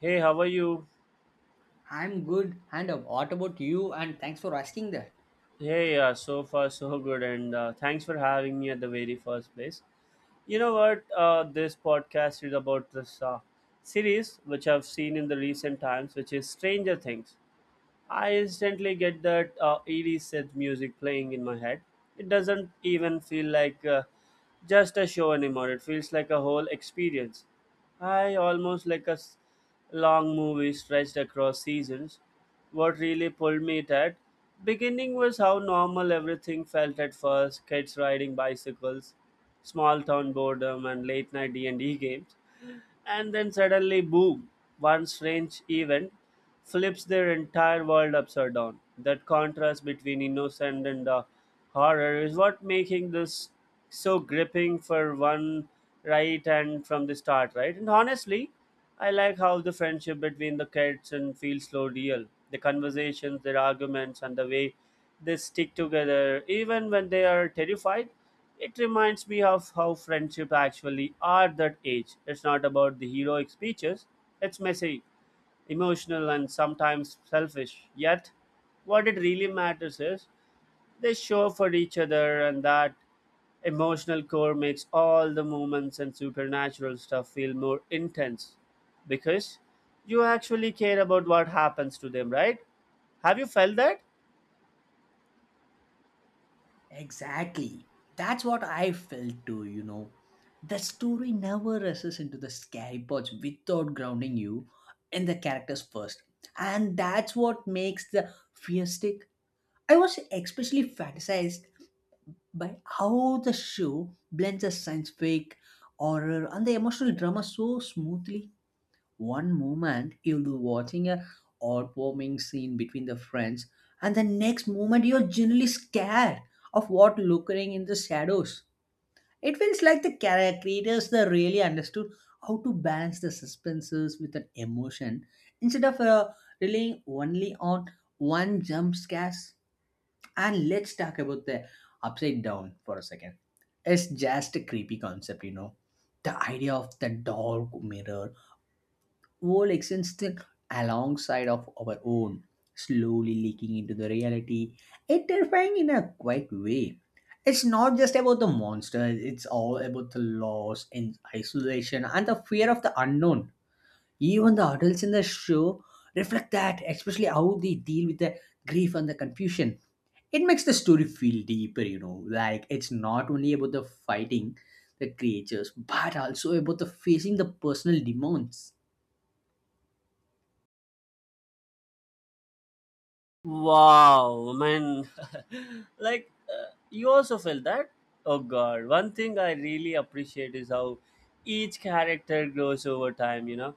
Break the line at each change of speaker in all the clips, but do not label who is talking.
Hey, how are you?
I'm good. And what about you? And thanks for asking that.
Hey, so far so good, and thanks for having me at the very first place. You know what? This podcast is about this series which I've seen in the recent times, which is Stranger Things. I instantly get that eerie synth music playing in my head. It doesn't even feel like just a show anymore. It feels like a whole experience. I almost like long movie stretched across seasons. What really pulled me it at beginning was how normal everything felt at first: kids riding bicycles, small town boredom, and late night D and D games. And then suddenly, boom, one strange event flips their entire world upside down. That contrast between innocent and horror is what making this so gripping for one right and from the start, right? And honestly, I like how the friendship between the kids and feels so real. The conversations, their arguments, and the way they stick together even when they are terrified. It reminds me of how friendship actually are that age. It's not about the heroic speeches. It's messy, emotional, and sometimes selfish. Yet, what it really matters is they show up for each other, and that emotional core makes all the moments and supernatural stuff feel more intense because you actually care about what happens to them, right? Have you felt that?
Exactly. That's what I felt too, you know. The story never rushes into the scary parts without grounding you in the characters first. And that's what makes the fear stick. I was especially fantasized by how the show blends the science fiction, horror, and the emotional drama so smoothly. One moment you'll be watching a heartwarming scene between the friends, and the next moment you're genuinely scared of what lurking in the shadows. It feels like the creators they really understood how to balance the suspenses with an emotion instead of relying only on one jump scares. And let's talk about the upside down for a second. It's just a creepy concept, you know, the idea of the dark mirror world existed alongside of our own, slowly leaking into the reality, and terrifying in a quiet way. It's not just about the monsters, it's all about the loss and isolation and the fear of the unknown. Even the adults in the show reflect that, especially how they deal with the grief and the confusion. It makes the story feel deeper, you know, like it's not only about the fighting the creatures, but also about the facing the personal demons.
Wow, man. like, you also felt that? Oh, God. One thing I really appreciate is how each character grows over time, you know?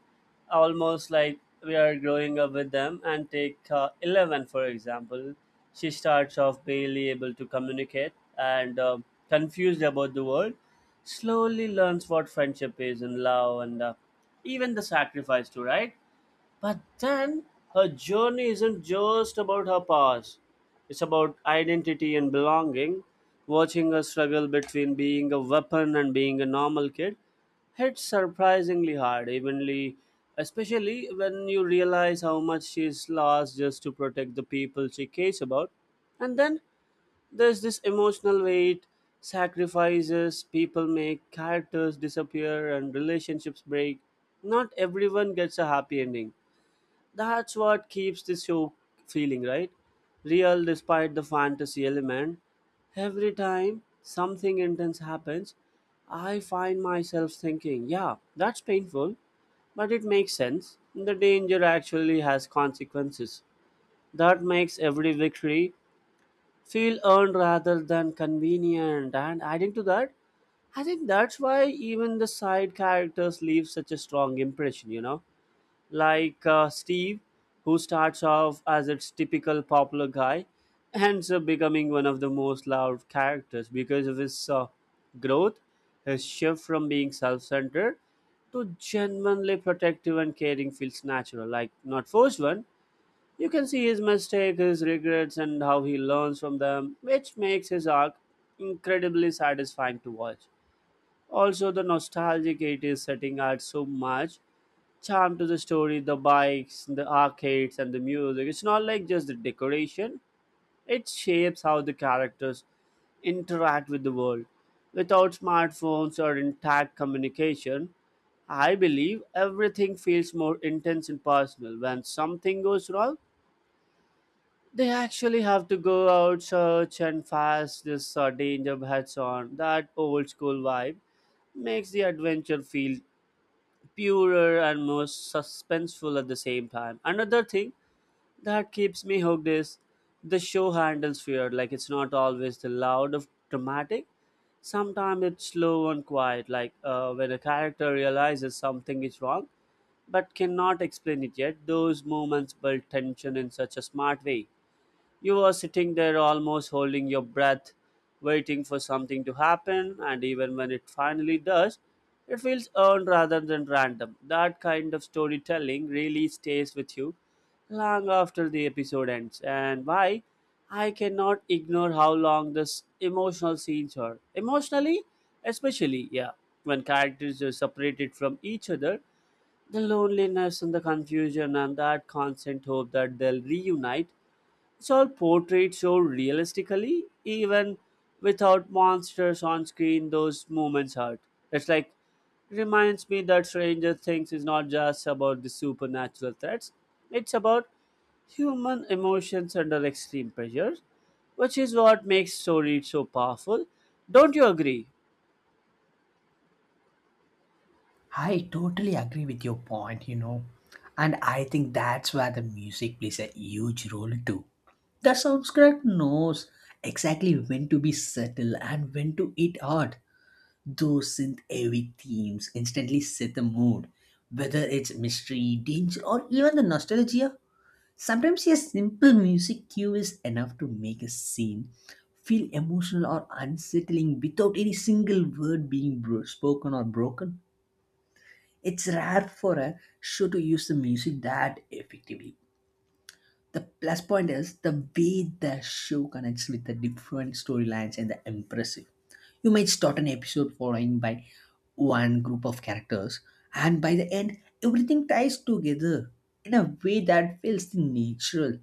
Almost like we are growing up with them. And take 11, for example. She starts off barely able to communicate and confused about the world. Slowly learns what friendship is and love and even the sacrifice, too, right? But then her journey isn't just about her past, it's about identity and belonging. Watching her struggle between being a weapon and being a normal kid hits surprisingly hard, evenly, especially when you realize how much she's lost just to protect the people she cares about. And then there's this emotional weight, sacrifices people make, characters disappear, and relationships break. Not everyone gets a happy ending that's what keeps the show feeling, right? Real despite the fantasy element. Every time something intense happens, I find myself thinking, yeah, that's painful, but it makes sense. The danger actually has consequences. That makes every victory feel earned rather than convenient. And adding to that, I think that's why even the side characters leave such a strong impression, you know? Like Steve, who starts off as its typical popular guy, ends up becoming one of the most loved characters because of his growth, his shift from being self centered to genuinely protective and caring feels natural, like not forced one. You can see his mistakes, his regrets, and how he learns from them, which makes his arc incredibly satisfying to watch. Also, the nostalgic 80s setting adds so much charm to the story the bikes the arcades and the music it's not like just the decoration it shapes how the characters interact with the world without smartphones or intact communication I believe everything feels more intense and personal when something goes wrong they actually have to go out search and fast this danger heads on that old school vibe makes the adventure feel purer and more suspenseful at the same time. Another thing that keeps me hooked is the show handles fear. Like it's not always the loud of dramatic. Sometimes it's slow and quiet, like when a character realizes something is wrong but cannot explain it yet. Those moments build tension in such a smart way. You were sitting there almost holding your breath, waiting for something to happen, and even when it finally does, it feels earned rather than random. That kind of storytelling really stays with you long after the episode ends, and why I cannot ignore how long this emotional scenes are. Emotionally, especially, yeah, when characters are separated from each other, the loneliness and the confusion and that constant hope that they'll reunite it's all portrayed so realistically, even without monsters on screen, those moments hurt. It's like reminds me that Stranger Things is not just about the supernatural threats, it's about human emotions under extreme pressure, which is what makes stories so powerful. Don't you agree?
I totally agree with your point, you know, and I think that's where the music plays a huge role too. The subscribe knows exactly when to be subtle and when to eat hard. Those synth heavy themes instantly set the mood, whether it's mystery, danger, or even the nostalgia. Sometimes a simple music cue is enough to make a scene feel emotional or unsettling without any single word being spoken or broken. It's rare for a show to use the music that effectively. The plus point is the way the show connects with the different storylines and the impressive. You might start an episode following by one group of characters, and by the end, everything ties together in a way that feels natural.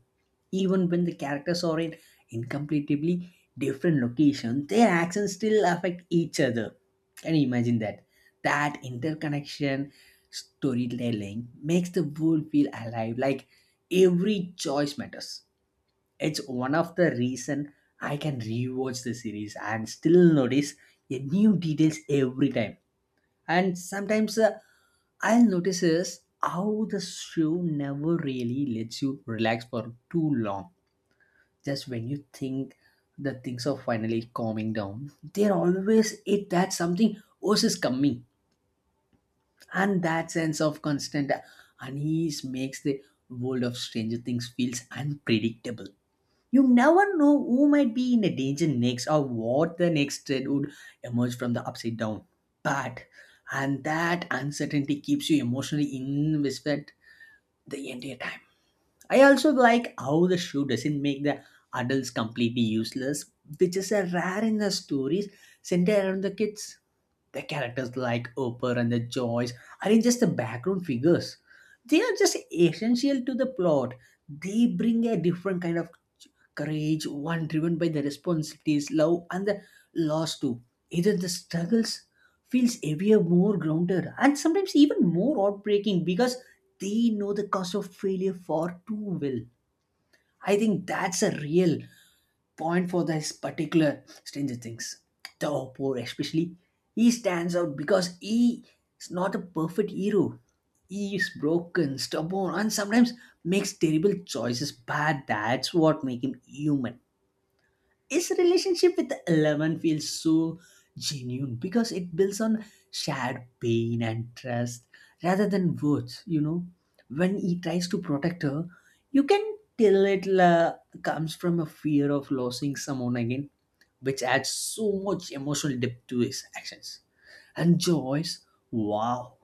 Even when the characters are in incompletely different locations, their actions still affect each other. Can you imagine that? That interconnection storytelling makes the world feel alive, like every choice matters. It's one of the reason I can rewatch the series and still notice a new details every time, and sometimes I'll notice is how the show never really lets you relax for too long. Just when you think the things are finally calming down, there always it that something else is coming, and that sense of constant unease makes the world of Stranger Things feels unpredictable. You never know who might be in the danger next or what the next threat would emerge from the upside down. But and that uncertainty keeps you emotionally invested the entire time. I also like how the show doesn't make the adults completely useless, which is a rare in the stories centered around the kids. The characters like Oprah and the Joyce aren't just the background figures. They are just essential to the plot. They bring a different kind of courage, one driven by the responsibilities, love, and the loss too. Either the struggles feels heavier, more grounded, and sometimes even more heartbreaking because they know the cost of failure far too well. I think that's a real point for this particular Stranger Things. The Oppo, especially, he stands out because he is not a perfect hero. He is broken, stubborn, and sometimes makes terrible choices, but that's what makes him human. His relationship with Eleven feels so genuine because it builds on shared pain and trust rather than words, you know. When he tries to protect her, you can tell it comes from a fear of losing someone again, which adds so much emotional depth to his actions. And Joyce, wow,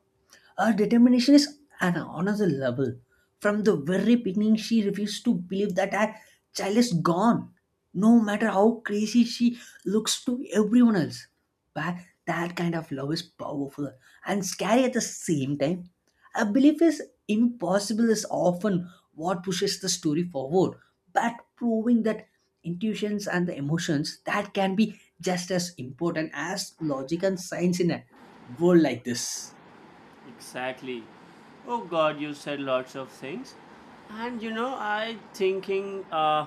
her determination is at another level. From the very beginning, she refused to believe that her child is gone, no matter how crazy she looks to everyone else. But that kind of love is powerful and scary at the same time. A belief is impossible is often what pushes the story forward, but proving that intuitions and the emotions that can be just as important as logic and science in a world like this.
Exactly. Oh God, you said lots of things. And you know, I thinking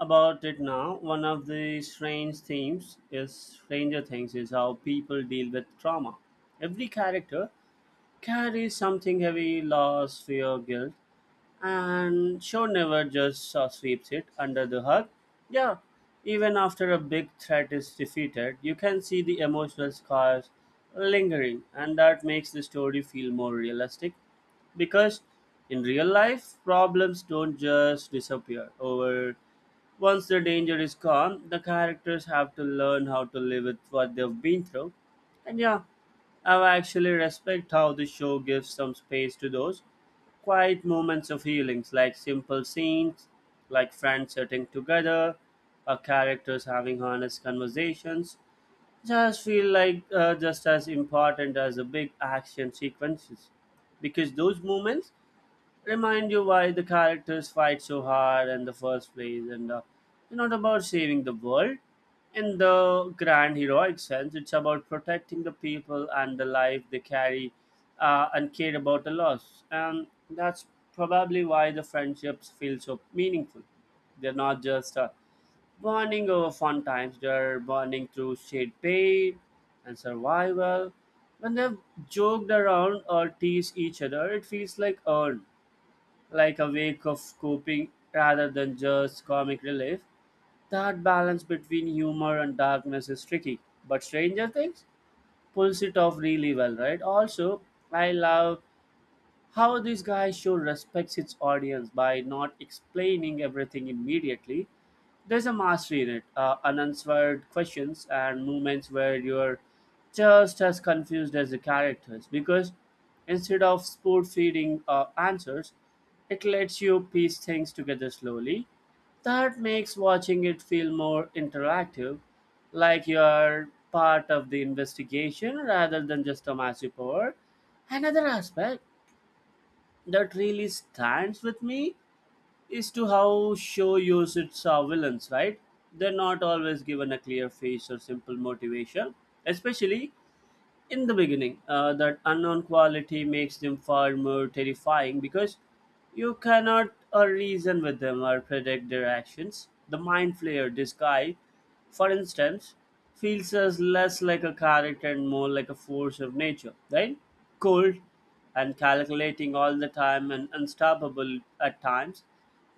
about it now. One of the strange themes is stranger things is how people deal with trauma. Every character carries something heavy, loss, fear, guilt, and show never just sweeps it under the rug. Yeah, even after a big threat is defeated, you can see the emotional scars lingering, and that makes the story feel more realistic. Because in real life, problems don't just disappear over. Once the danger is gone, the characters have to learn how to live with what they've been through and yeah, I actually respect how the show gives some space to those quiet moments of healings, like simple scenes, like friends sitting together, or characters having honest conversations. Just feel like just as important as the big action sequences, because those moments remind you why the characters fight so hard in the first place and it's not about saving the world in the grand heroic sense it's about protecting the people and the life they carry and care about the loss and that's probably why the friendships feel so meaningful they're not just bonding over fun times they're bonding through shared pain and survival when they've joked around or teased each other it feels like earned like a wake of coping rather than just comic relief. That balance between humor and darkness is tricky, but Stranger Things pulls it off really well, right? Also, I love how this guy show respects its audience by not explaining everything immediately. There's a mastery in it, unanswered questions and moments where you're just as confused as the characters because instead of spoon feeding answers, it lets you piece things together slowly. That makes watching it feel more interactive, like you're part of the investigation rather than just a massive power. Another aspect that really stands with me is to how show uses its villains, right? They're not always given a clear face or simple motivation, especially in the beginning. That unknown quality makes them far more terrifying because you cannot reason with them or predict their actions. The mind flayer, this guy, for instance, feels as less like a character and more like a force of nature, right? Cold and calculating all the time and unstoppable at times,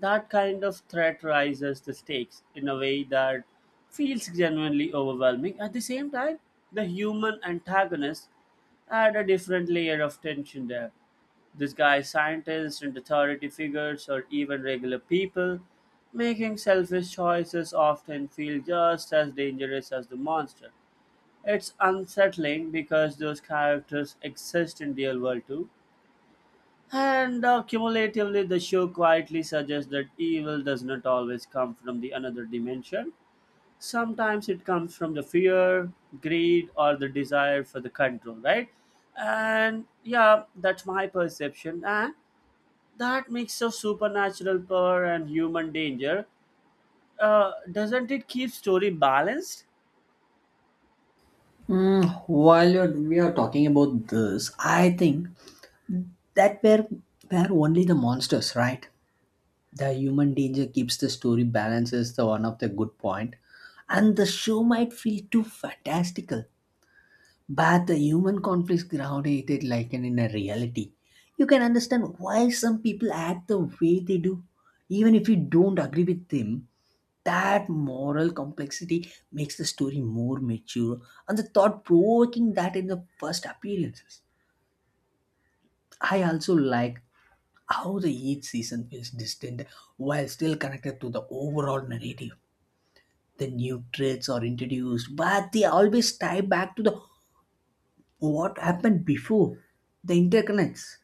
that kind of threat rises the stakes in a way that feels genuinely overwhelming. At the same time, the human antagonist add a different layer of tension there. This guy, scientists and authority figures, or even regular people, making selfish choices often feel just as dangerous as the monster. It's unsettling because those characters exist in real world too, and cumulatively, the show quietly suggests that evil does not always come from the another dimension. Sometimes it comes from the fear, greed, or the desire for the control, right? And yeah, that's my perception. And that mix of supernatural power and human danger, doesn't it keep story balanced?
Mm, while you're, we are talking about this, I think that were only the monsters, right? The human danger keeps the story balances the one of the good point, and the show might feel too fantastical, but the human conflicts grounded it like an in a reality. You can understand why some people act the way they do, even if you don't agree with them. That moral complexity makes the story more mature and the thought provoking that in the first appearances. I also like how the each season feels distinct while still connected to the overall narrative. The new traits are introduced, but they always tie back to the what happened before the interconnects.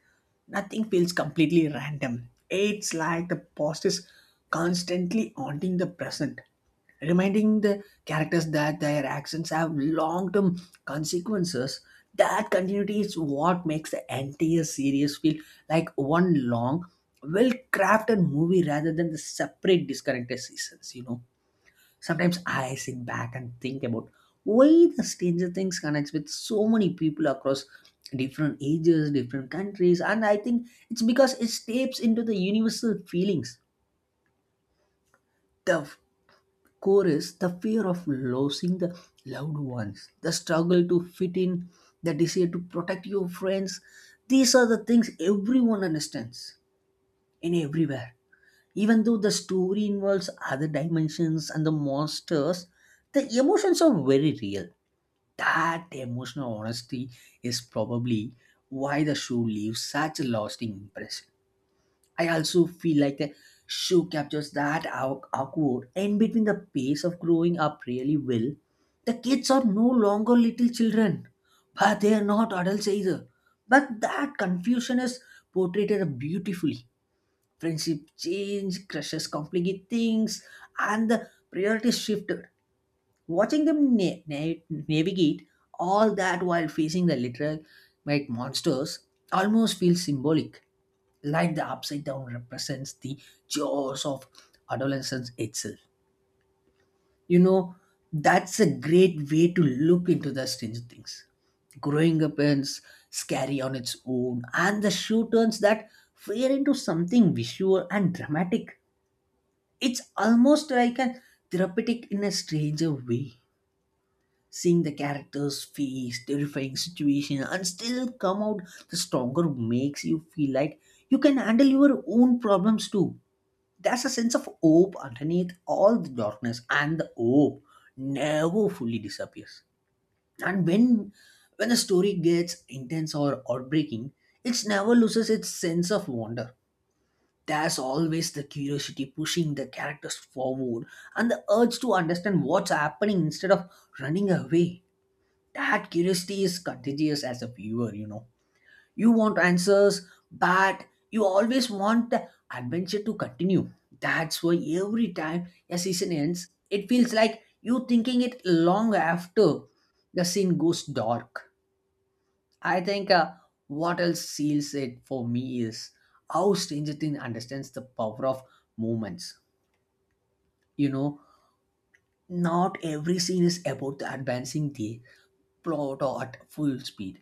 Nothing feels completely random. It's like the past is constantly haunting the present, reminding the characters that their actions have long term consequences. That continuity is what makes the entire series feel like one long, well crafted movie rather than the separate disconnected seasons, you know. Sometimes I sit back and think about why the Stranger Things connects with so many people across different ages, different countries, and I think it's because it taps into the universal feelings. The core is the fear of losing the loved ones, the struggle to fit in, the desire to protect your friends. These are the things everyone understands in everywhere. Even though the story involves other dimensions and the monsters, the emotions are very real. That emotional honesty is probably why the show leaves such a lasting impression. I also feel like the show captures that awkward and between the pace of growing up really well. The kids are no longer little children, but they are not adults either. But that confusion is portrayed beautifully. Friendship change, crushes complicate things, and the priorities shifted. Watching them navigate all that while facing the literal like monsters almost feels symbolic, like the upside down represents the jaws of adolescence itself. You know, that's a great way to look into the strange things. Growing up is scary on its own, and the show turns that fear into something visual and dramatic. It's almost like a therapeutic in a stranger way, seeing the characters face terrifying situation and still come out the stronger makes you feel like you can handle your own problems too. There's a sense of hope underneath all the darkness, and the hope never fully disappears. And when a story gets intense or heartbreaking, it never loses its sense of wonder. There's always the curiosity pushing the characters forward and the urge to understand what's happening instead of running away. That curiosity is contagious. As a viewer, you know, you want answers, but you always want the adventure to continue. That's why every time a season ends, it feels like you thinking it long after the scene goes dark. I think what else seals it for me is how Stranger Things understands the power of moments, you know. Not every scene is about advancing the plot or at full speed.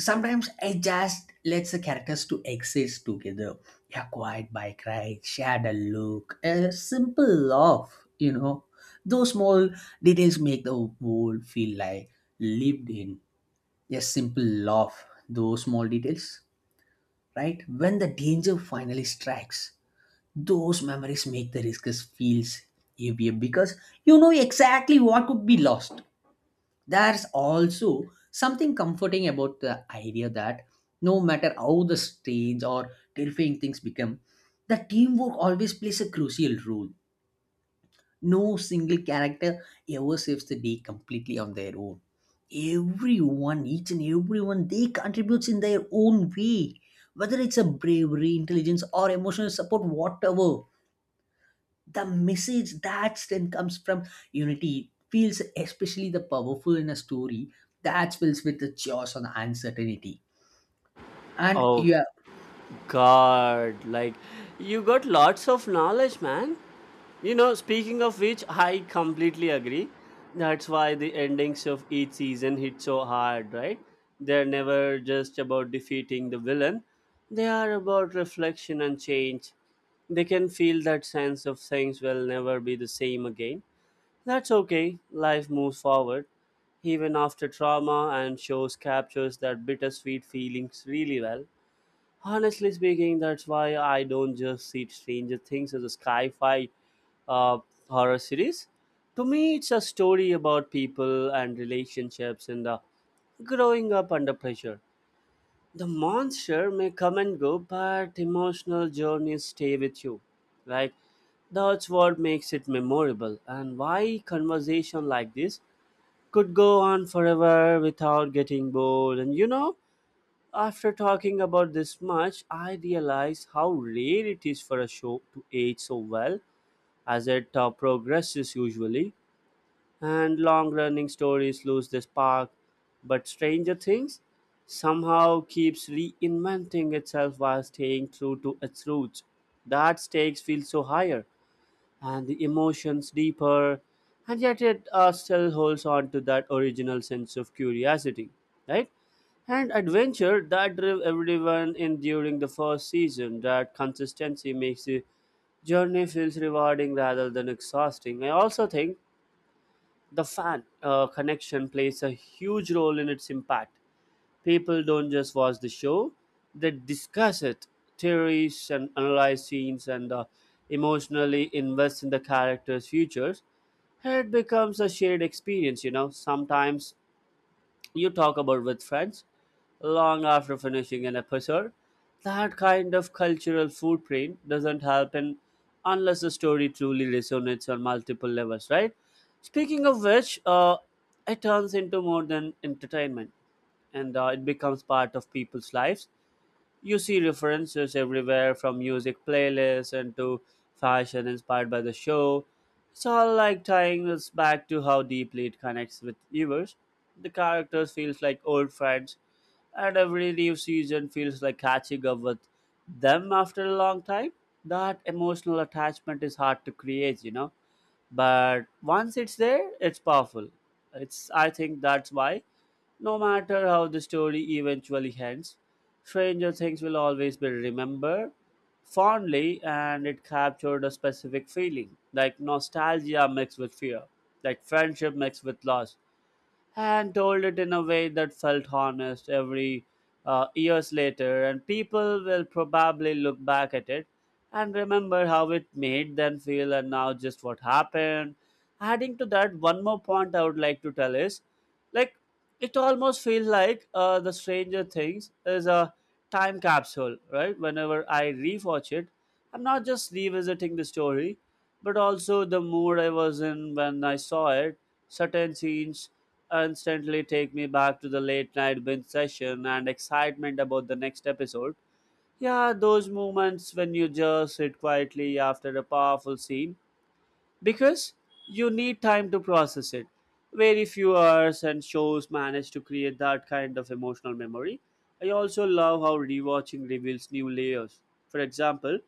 Sometimes I just let the characters to exist together. A quiet bike ride, shared a look, a simple laugh, you know. Those small details make the world feel like lived in. A simple laugh, those small details, right? When the danger finally strikes, those memories make the risk feels heavier because you know exactly what could be lost. There's also something comforting about the idea that no matter how the strange or terrifying things become, the teamwork always plays a crucial role. No single character ever saves the day completely on their own. Everyone, each and everyone, they contributes in their own way. Whether it's a bravery, intelligence, or emotional support, whatever the message that then comes from unity feels especially the powerful in a story that fills with the chaos and uncertainty. And yeah,
God, like you got lots of knowledge, man. You know, speaking of which, I completely agree. That's why the endings of each season hit so hard, right? They're never just about defeating the villain, they are about reflection and change. They can feel that sense of things will never be the same again. That's okay, life moves forward. Even after trauma, and shows captures that bittersweet feelings really well. Honestly speaking, that's why I don't just see Stranger Things as a sci-fi uh, horror series. To me, it's a story about people and relationships and growing up under pressure. The monster may come and go, but emotional journeys stay with you. Right? that's what makes it memorable, and why conversation like this could go on forever without getting bored. And you know, after talking about this much, I realize how rare it is for a show to age so well as it progresses usually, and long running stories lose their spark. But Stranger Things somehow keeps reinventing itself while staying true to its roots. That stakes feel so higher and the emotions deeper, and yet it still holds on to that original sense of curiosity, right? And adventure that drove everyone in during the first season. That consistency makes the journey feels rewarding rather than exhausting. I also think the fan connection plays a huge role in its impact. People don't just watch the show, they discuss it, theories and analyze scenes and emotionally invest in the characters' futures. It becomes a shared experience, you know. Sometimes you talk about with friends long after finishing an episode. That kind of cultural footprint doesn't happen unless the story truly resonates on multiple levels, right? Speaking of which, it turns into more than entertainment and it becomes part of people's lives. You see references everywhere from music playlists and to fashion inspired by the show. It's all like tying us back to how deeply it connects with viewers. The characters feels like old friends, and every new season feels like catching up with them after a long time. That emotional attachment is hard to create, you know. But once it's there, it's powerful. It's I think that's why, no matter how the story eventually ends, Stranger Things will always be remembered fondly, and it captured a specific feeling, like nostalgia mixed with fear, like friendship mixed with loss, and told it in a way that felt honest every years later. And people will probably look back at it and remember how it made them feel and now just what happened. Adding to that, one more point I would like to tell is, like it almost feels like the stranger things is a time capsule, right? Whenever I rewatch it, I'm not just revisiting the story but also the mood I was in when I saw it. Certain scenes instantly take me back to the late night binge session and excitement about the next episode. Yeah, those moments when you just sit quietly after a powerful scene because you need time to process it. Very few hours and shows manage to create that kind of emotional memory. I also love how rewatching reveals new layers. For example,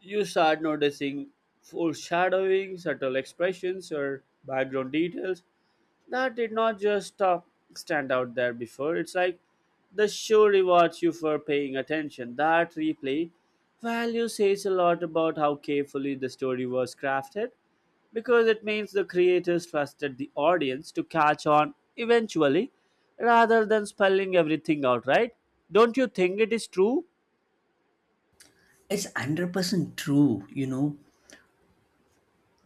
you start noticing foreshadowing, subtle expressions, or background details that did not just stop, stand out there before. It's like the show rewards you for paying attention. That replay value says a lot about how carefully the story was crafted, because it means the creators trusted the audience to catch on eventually rather than spelling everything out, right? Don't you think it is true?
it's 100% true, you know.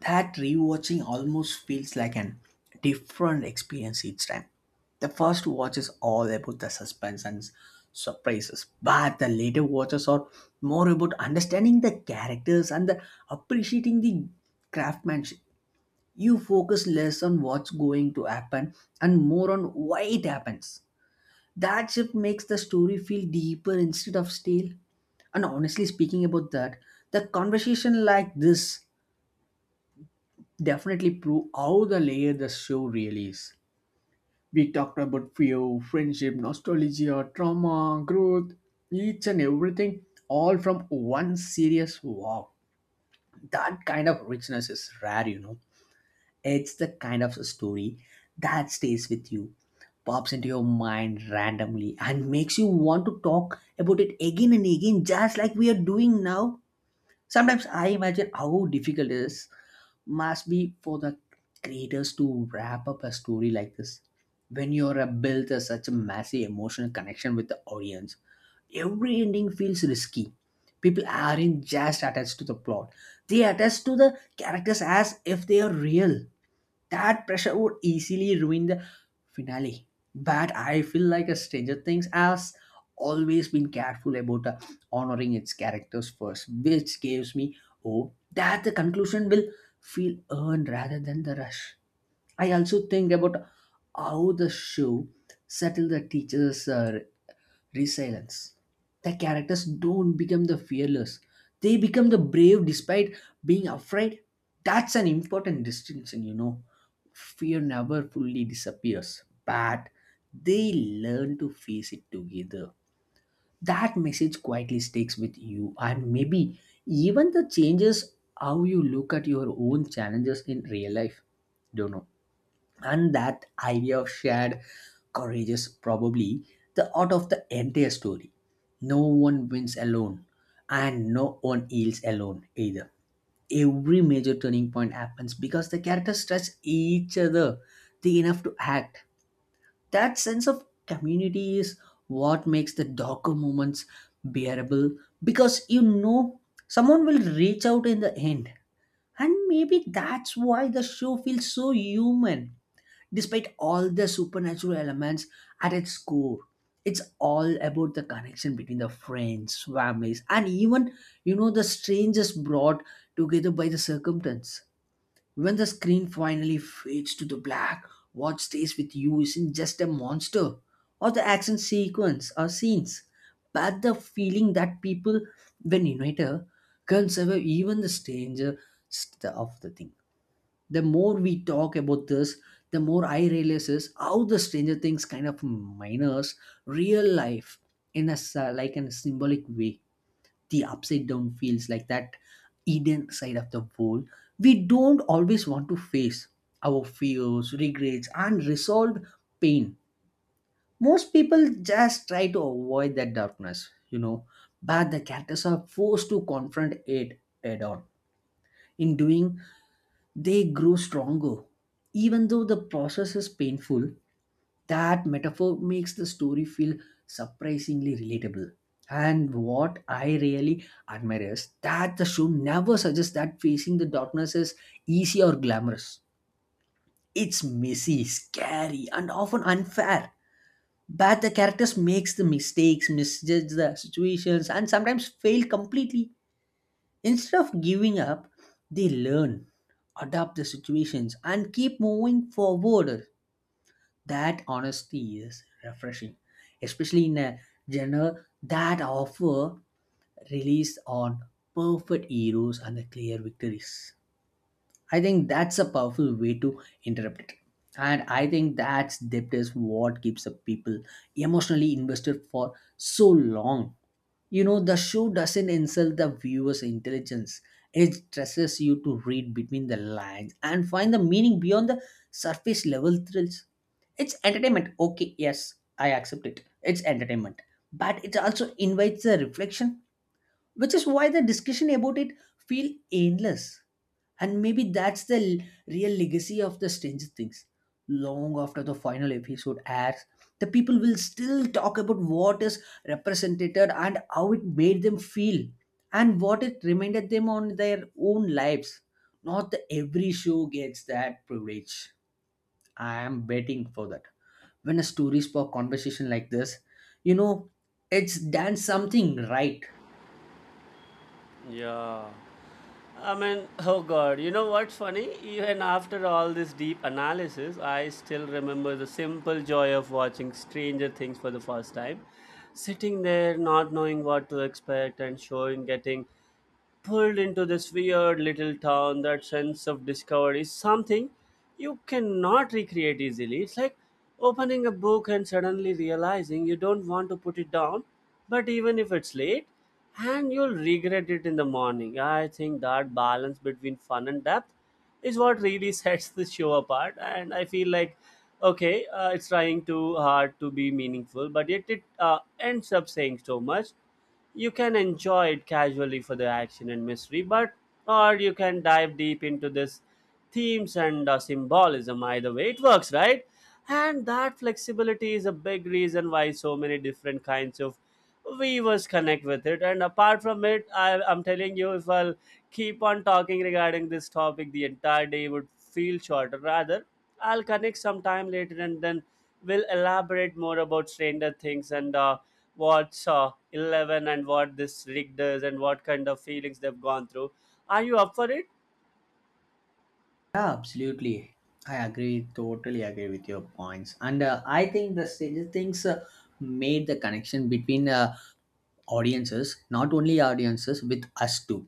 That rewatching almost feels like an different experience each time. The first watch is all about the suspense and surprises, but the later watches are more about understanding the characters and the appreciating the craftsmanship. You focus less on what's going to happen and more on why it happens. That shift makes the story feel deeper instead of stale. And honestly speaking about that, the conversation like this definitely prove how the layer the show really is. We talked about fear, friendship, nostalgia, trauma, growth, each and everything, all from one serious. Wow. That kind of richness is rare, you know. It's the kind of story that stays with you, pops into your mind randomly, and makes you want to talk about it again and again, just like we are doing now. Sometimes I imagine how difficult it is must be for the creators to wrap up a story like this. When you're a built a such a massive emotional connection with the audience, every ending feels risky. People aren't just attached to the plot; they attach to the characters as if they are real that pressure would easily ruin the finale. But I feel like a Stranger Things has always been careful about honoring its characters first, which gives me hope that the conclusion will feel earned rather than the rush. I also think about how the show settle the teacher's resilience. The characters don't become the fearless; they become the brave despite being afraid. That's an important distinction, you know. Fear never fully disappears, but they learn to face it together. That message quietly sticks with you, and maybe even the changes how you look at your own challenges in real life. Don't know, and that idea of shared courage is probably the heart of the entire story. No one wins alone and no one yields alone either. Every major turning point happens because the characters trust each other the enough to act. That sense of community is what makes the darker moments bearable, because you know someone will reach out in the end. And maybe that's why the show feels so human despite all the supernatural elements. At its core, it's all about the connection between the friends families and even, you know, the strangers brought together by the circumstance. When the screen finally fades to the black, what stays with you isn't just a monster or the action sequence or scenes, but the feeling that people when united can survive even the stranger of the thing. The more we talk about this, the more I realize is how the Stranger Things kind of minors real life in like in a symbolic way. The upside down feels like that Eden side of the world. We don't always want to face our fears, regrets, and unresolved pain. Most people just try to avoid that darkness, you know, but the characters are forced to confront it head on. In doing they grow stronger. Even though the process is painful, that metaphor makes the story feel surprisingly relatable. And what I really admire is that the show never suggests that facing the darkness is easy or glamorous. It's messy, scary, and often unfair. But the characters makes the mistakes, misjudge the situations, and sometimes fail completely. Instead of giving up, they learn, adapt the situations, and keep moving forward. That honesty is refreshing, especially in a genre that offer release on perfect heroes and the clear victories. I think that's a powerful way to interrupt it. And I think that's depth is what keeps the people emotionally invested for so long. You know, the show doesn't insult the viewer's intelligence. It stresses you to read between the lines and find the meaning beyond the surface level thrills. It's entertainment. Okay, yes, I accept it. It's entertainment. But it also invites a reflection, which is why the discussion about it feel endless. And maybe that's the real legacy of the stranger things. Long after the final episode airs, the people will still talk about what is represented and how it made them feel and what it reminded them on their own lives. Not the every show gets that privilege. I am betting for that. When a story spark conversation like this, you know, it's done something right.
Yeah, I mean, oh God, you know what's funny? Even after all this deep analysis, I still remember the simple joy of watching Stranger Things for the first time. Sitting there, not knowing what to expect, and showing getting pulled into this weird little town. That sense of discovery is something you cannot recreate easily. It's like opening a book and suddenly realizing you don't want to put it down, but even if it's late and you'll regret it in the morning. I think that balance between fun and depth is what really sets the show apart, and I feel like okay, it's trying too hard to be meaningful, but yet it ends up saying so much. You can enjoy it casually for the action and mystery, but or you can dive deep into this themes and symbolism. Either way it works, right? And that flexibility is a big reason why so many different kinds of viewers connect with it. And apart from it, I'm telling you, if I'll keep on talking regarding this topic, the entire day would feel shorter rather. I'll connect sometime later, and then we'll elaborate more about Stranger Things and what's 11 and what this Rick does and what kind of feelings they've gone through. Are you up for it?
Yeah, absolutely. I agree, totally agree with your points. And I think the Stranger Things made the connection between audiences, not only audiences, with us too.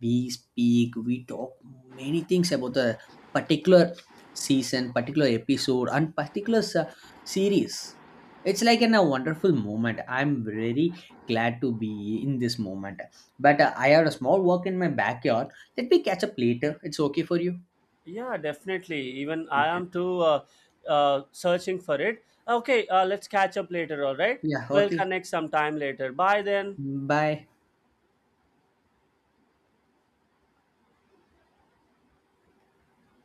We speak, we talk many things about the particular season, particular episode, and particular series. It's like in a wonderful moment. I'm very glad to be in this moment. But I have a small work in my backyard. Let me catch up later. It's okay for you.
Yeah, definitely. Even I
Okay.
am too searching for it. Okay, let's catch up later, all right?
Yeah.
We'll
Okay.
connect sometime later. Bye then.
Bye.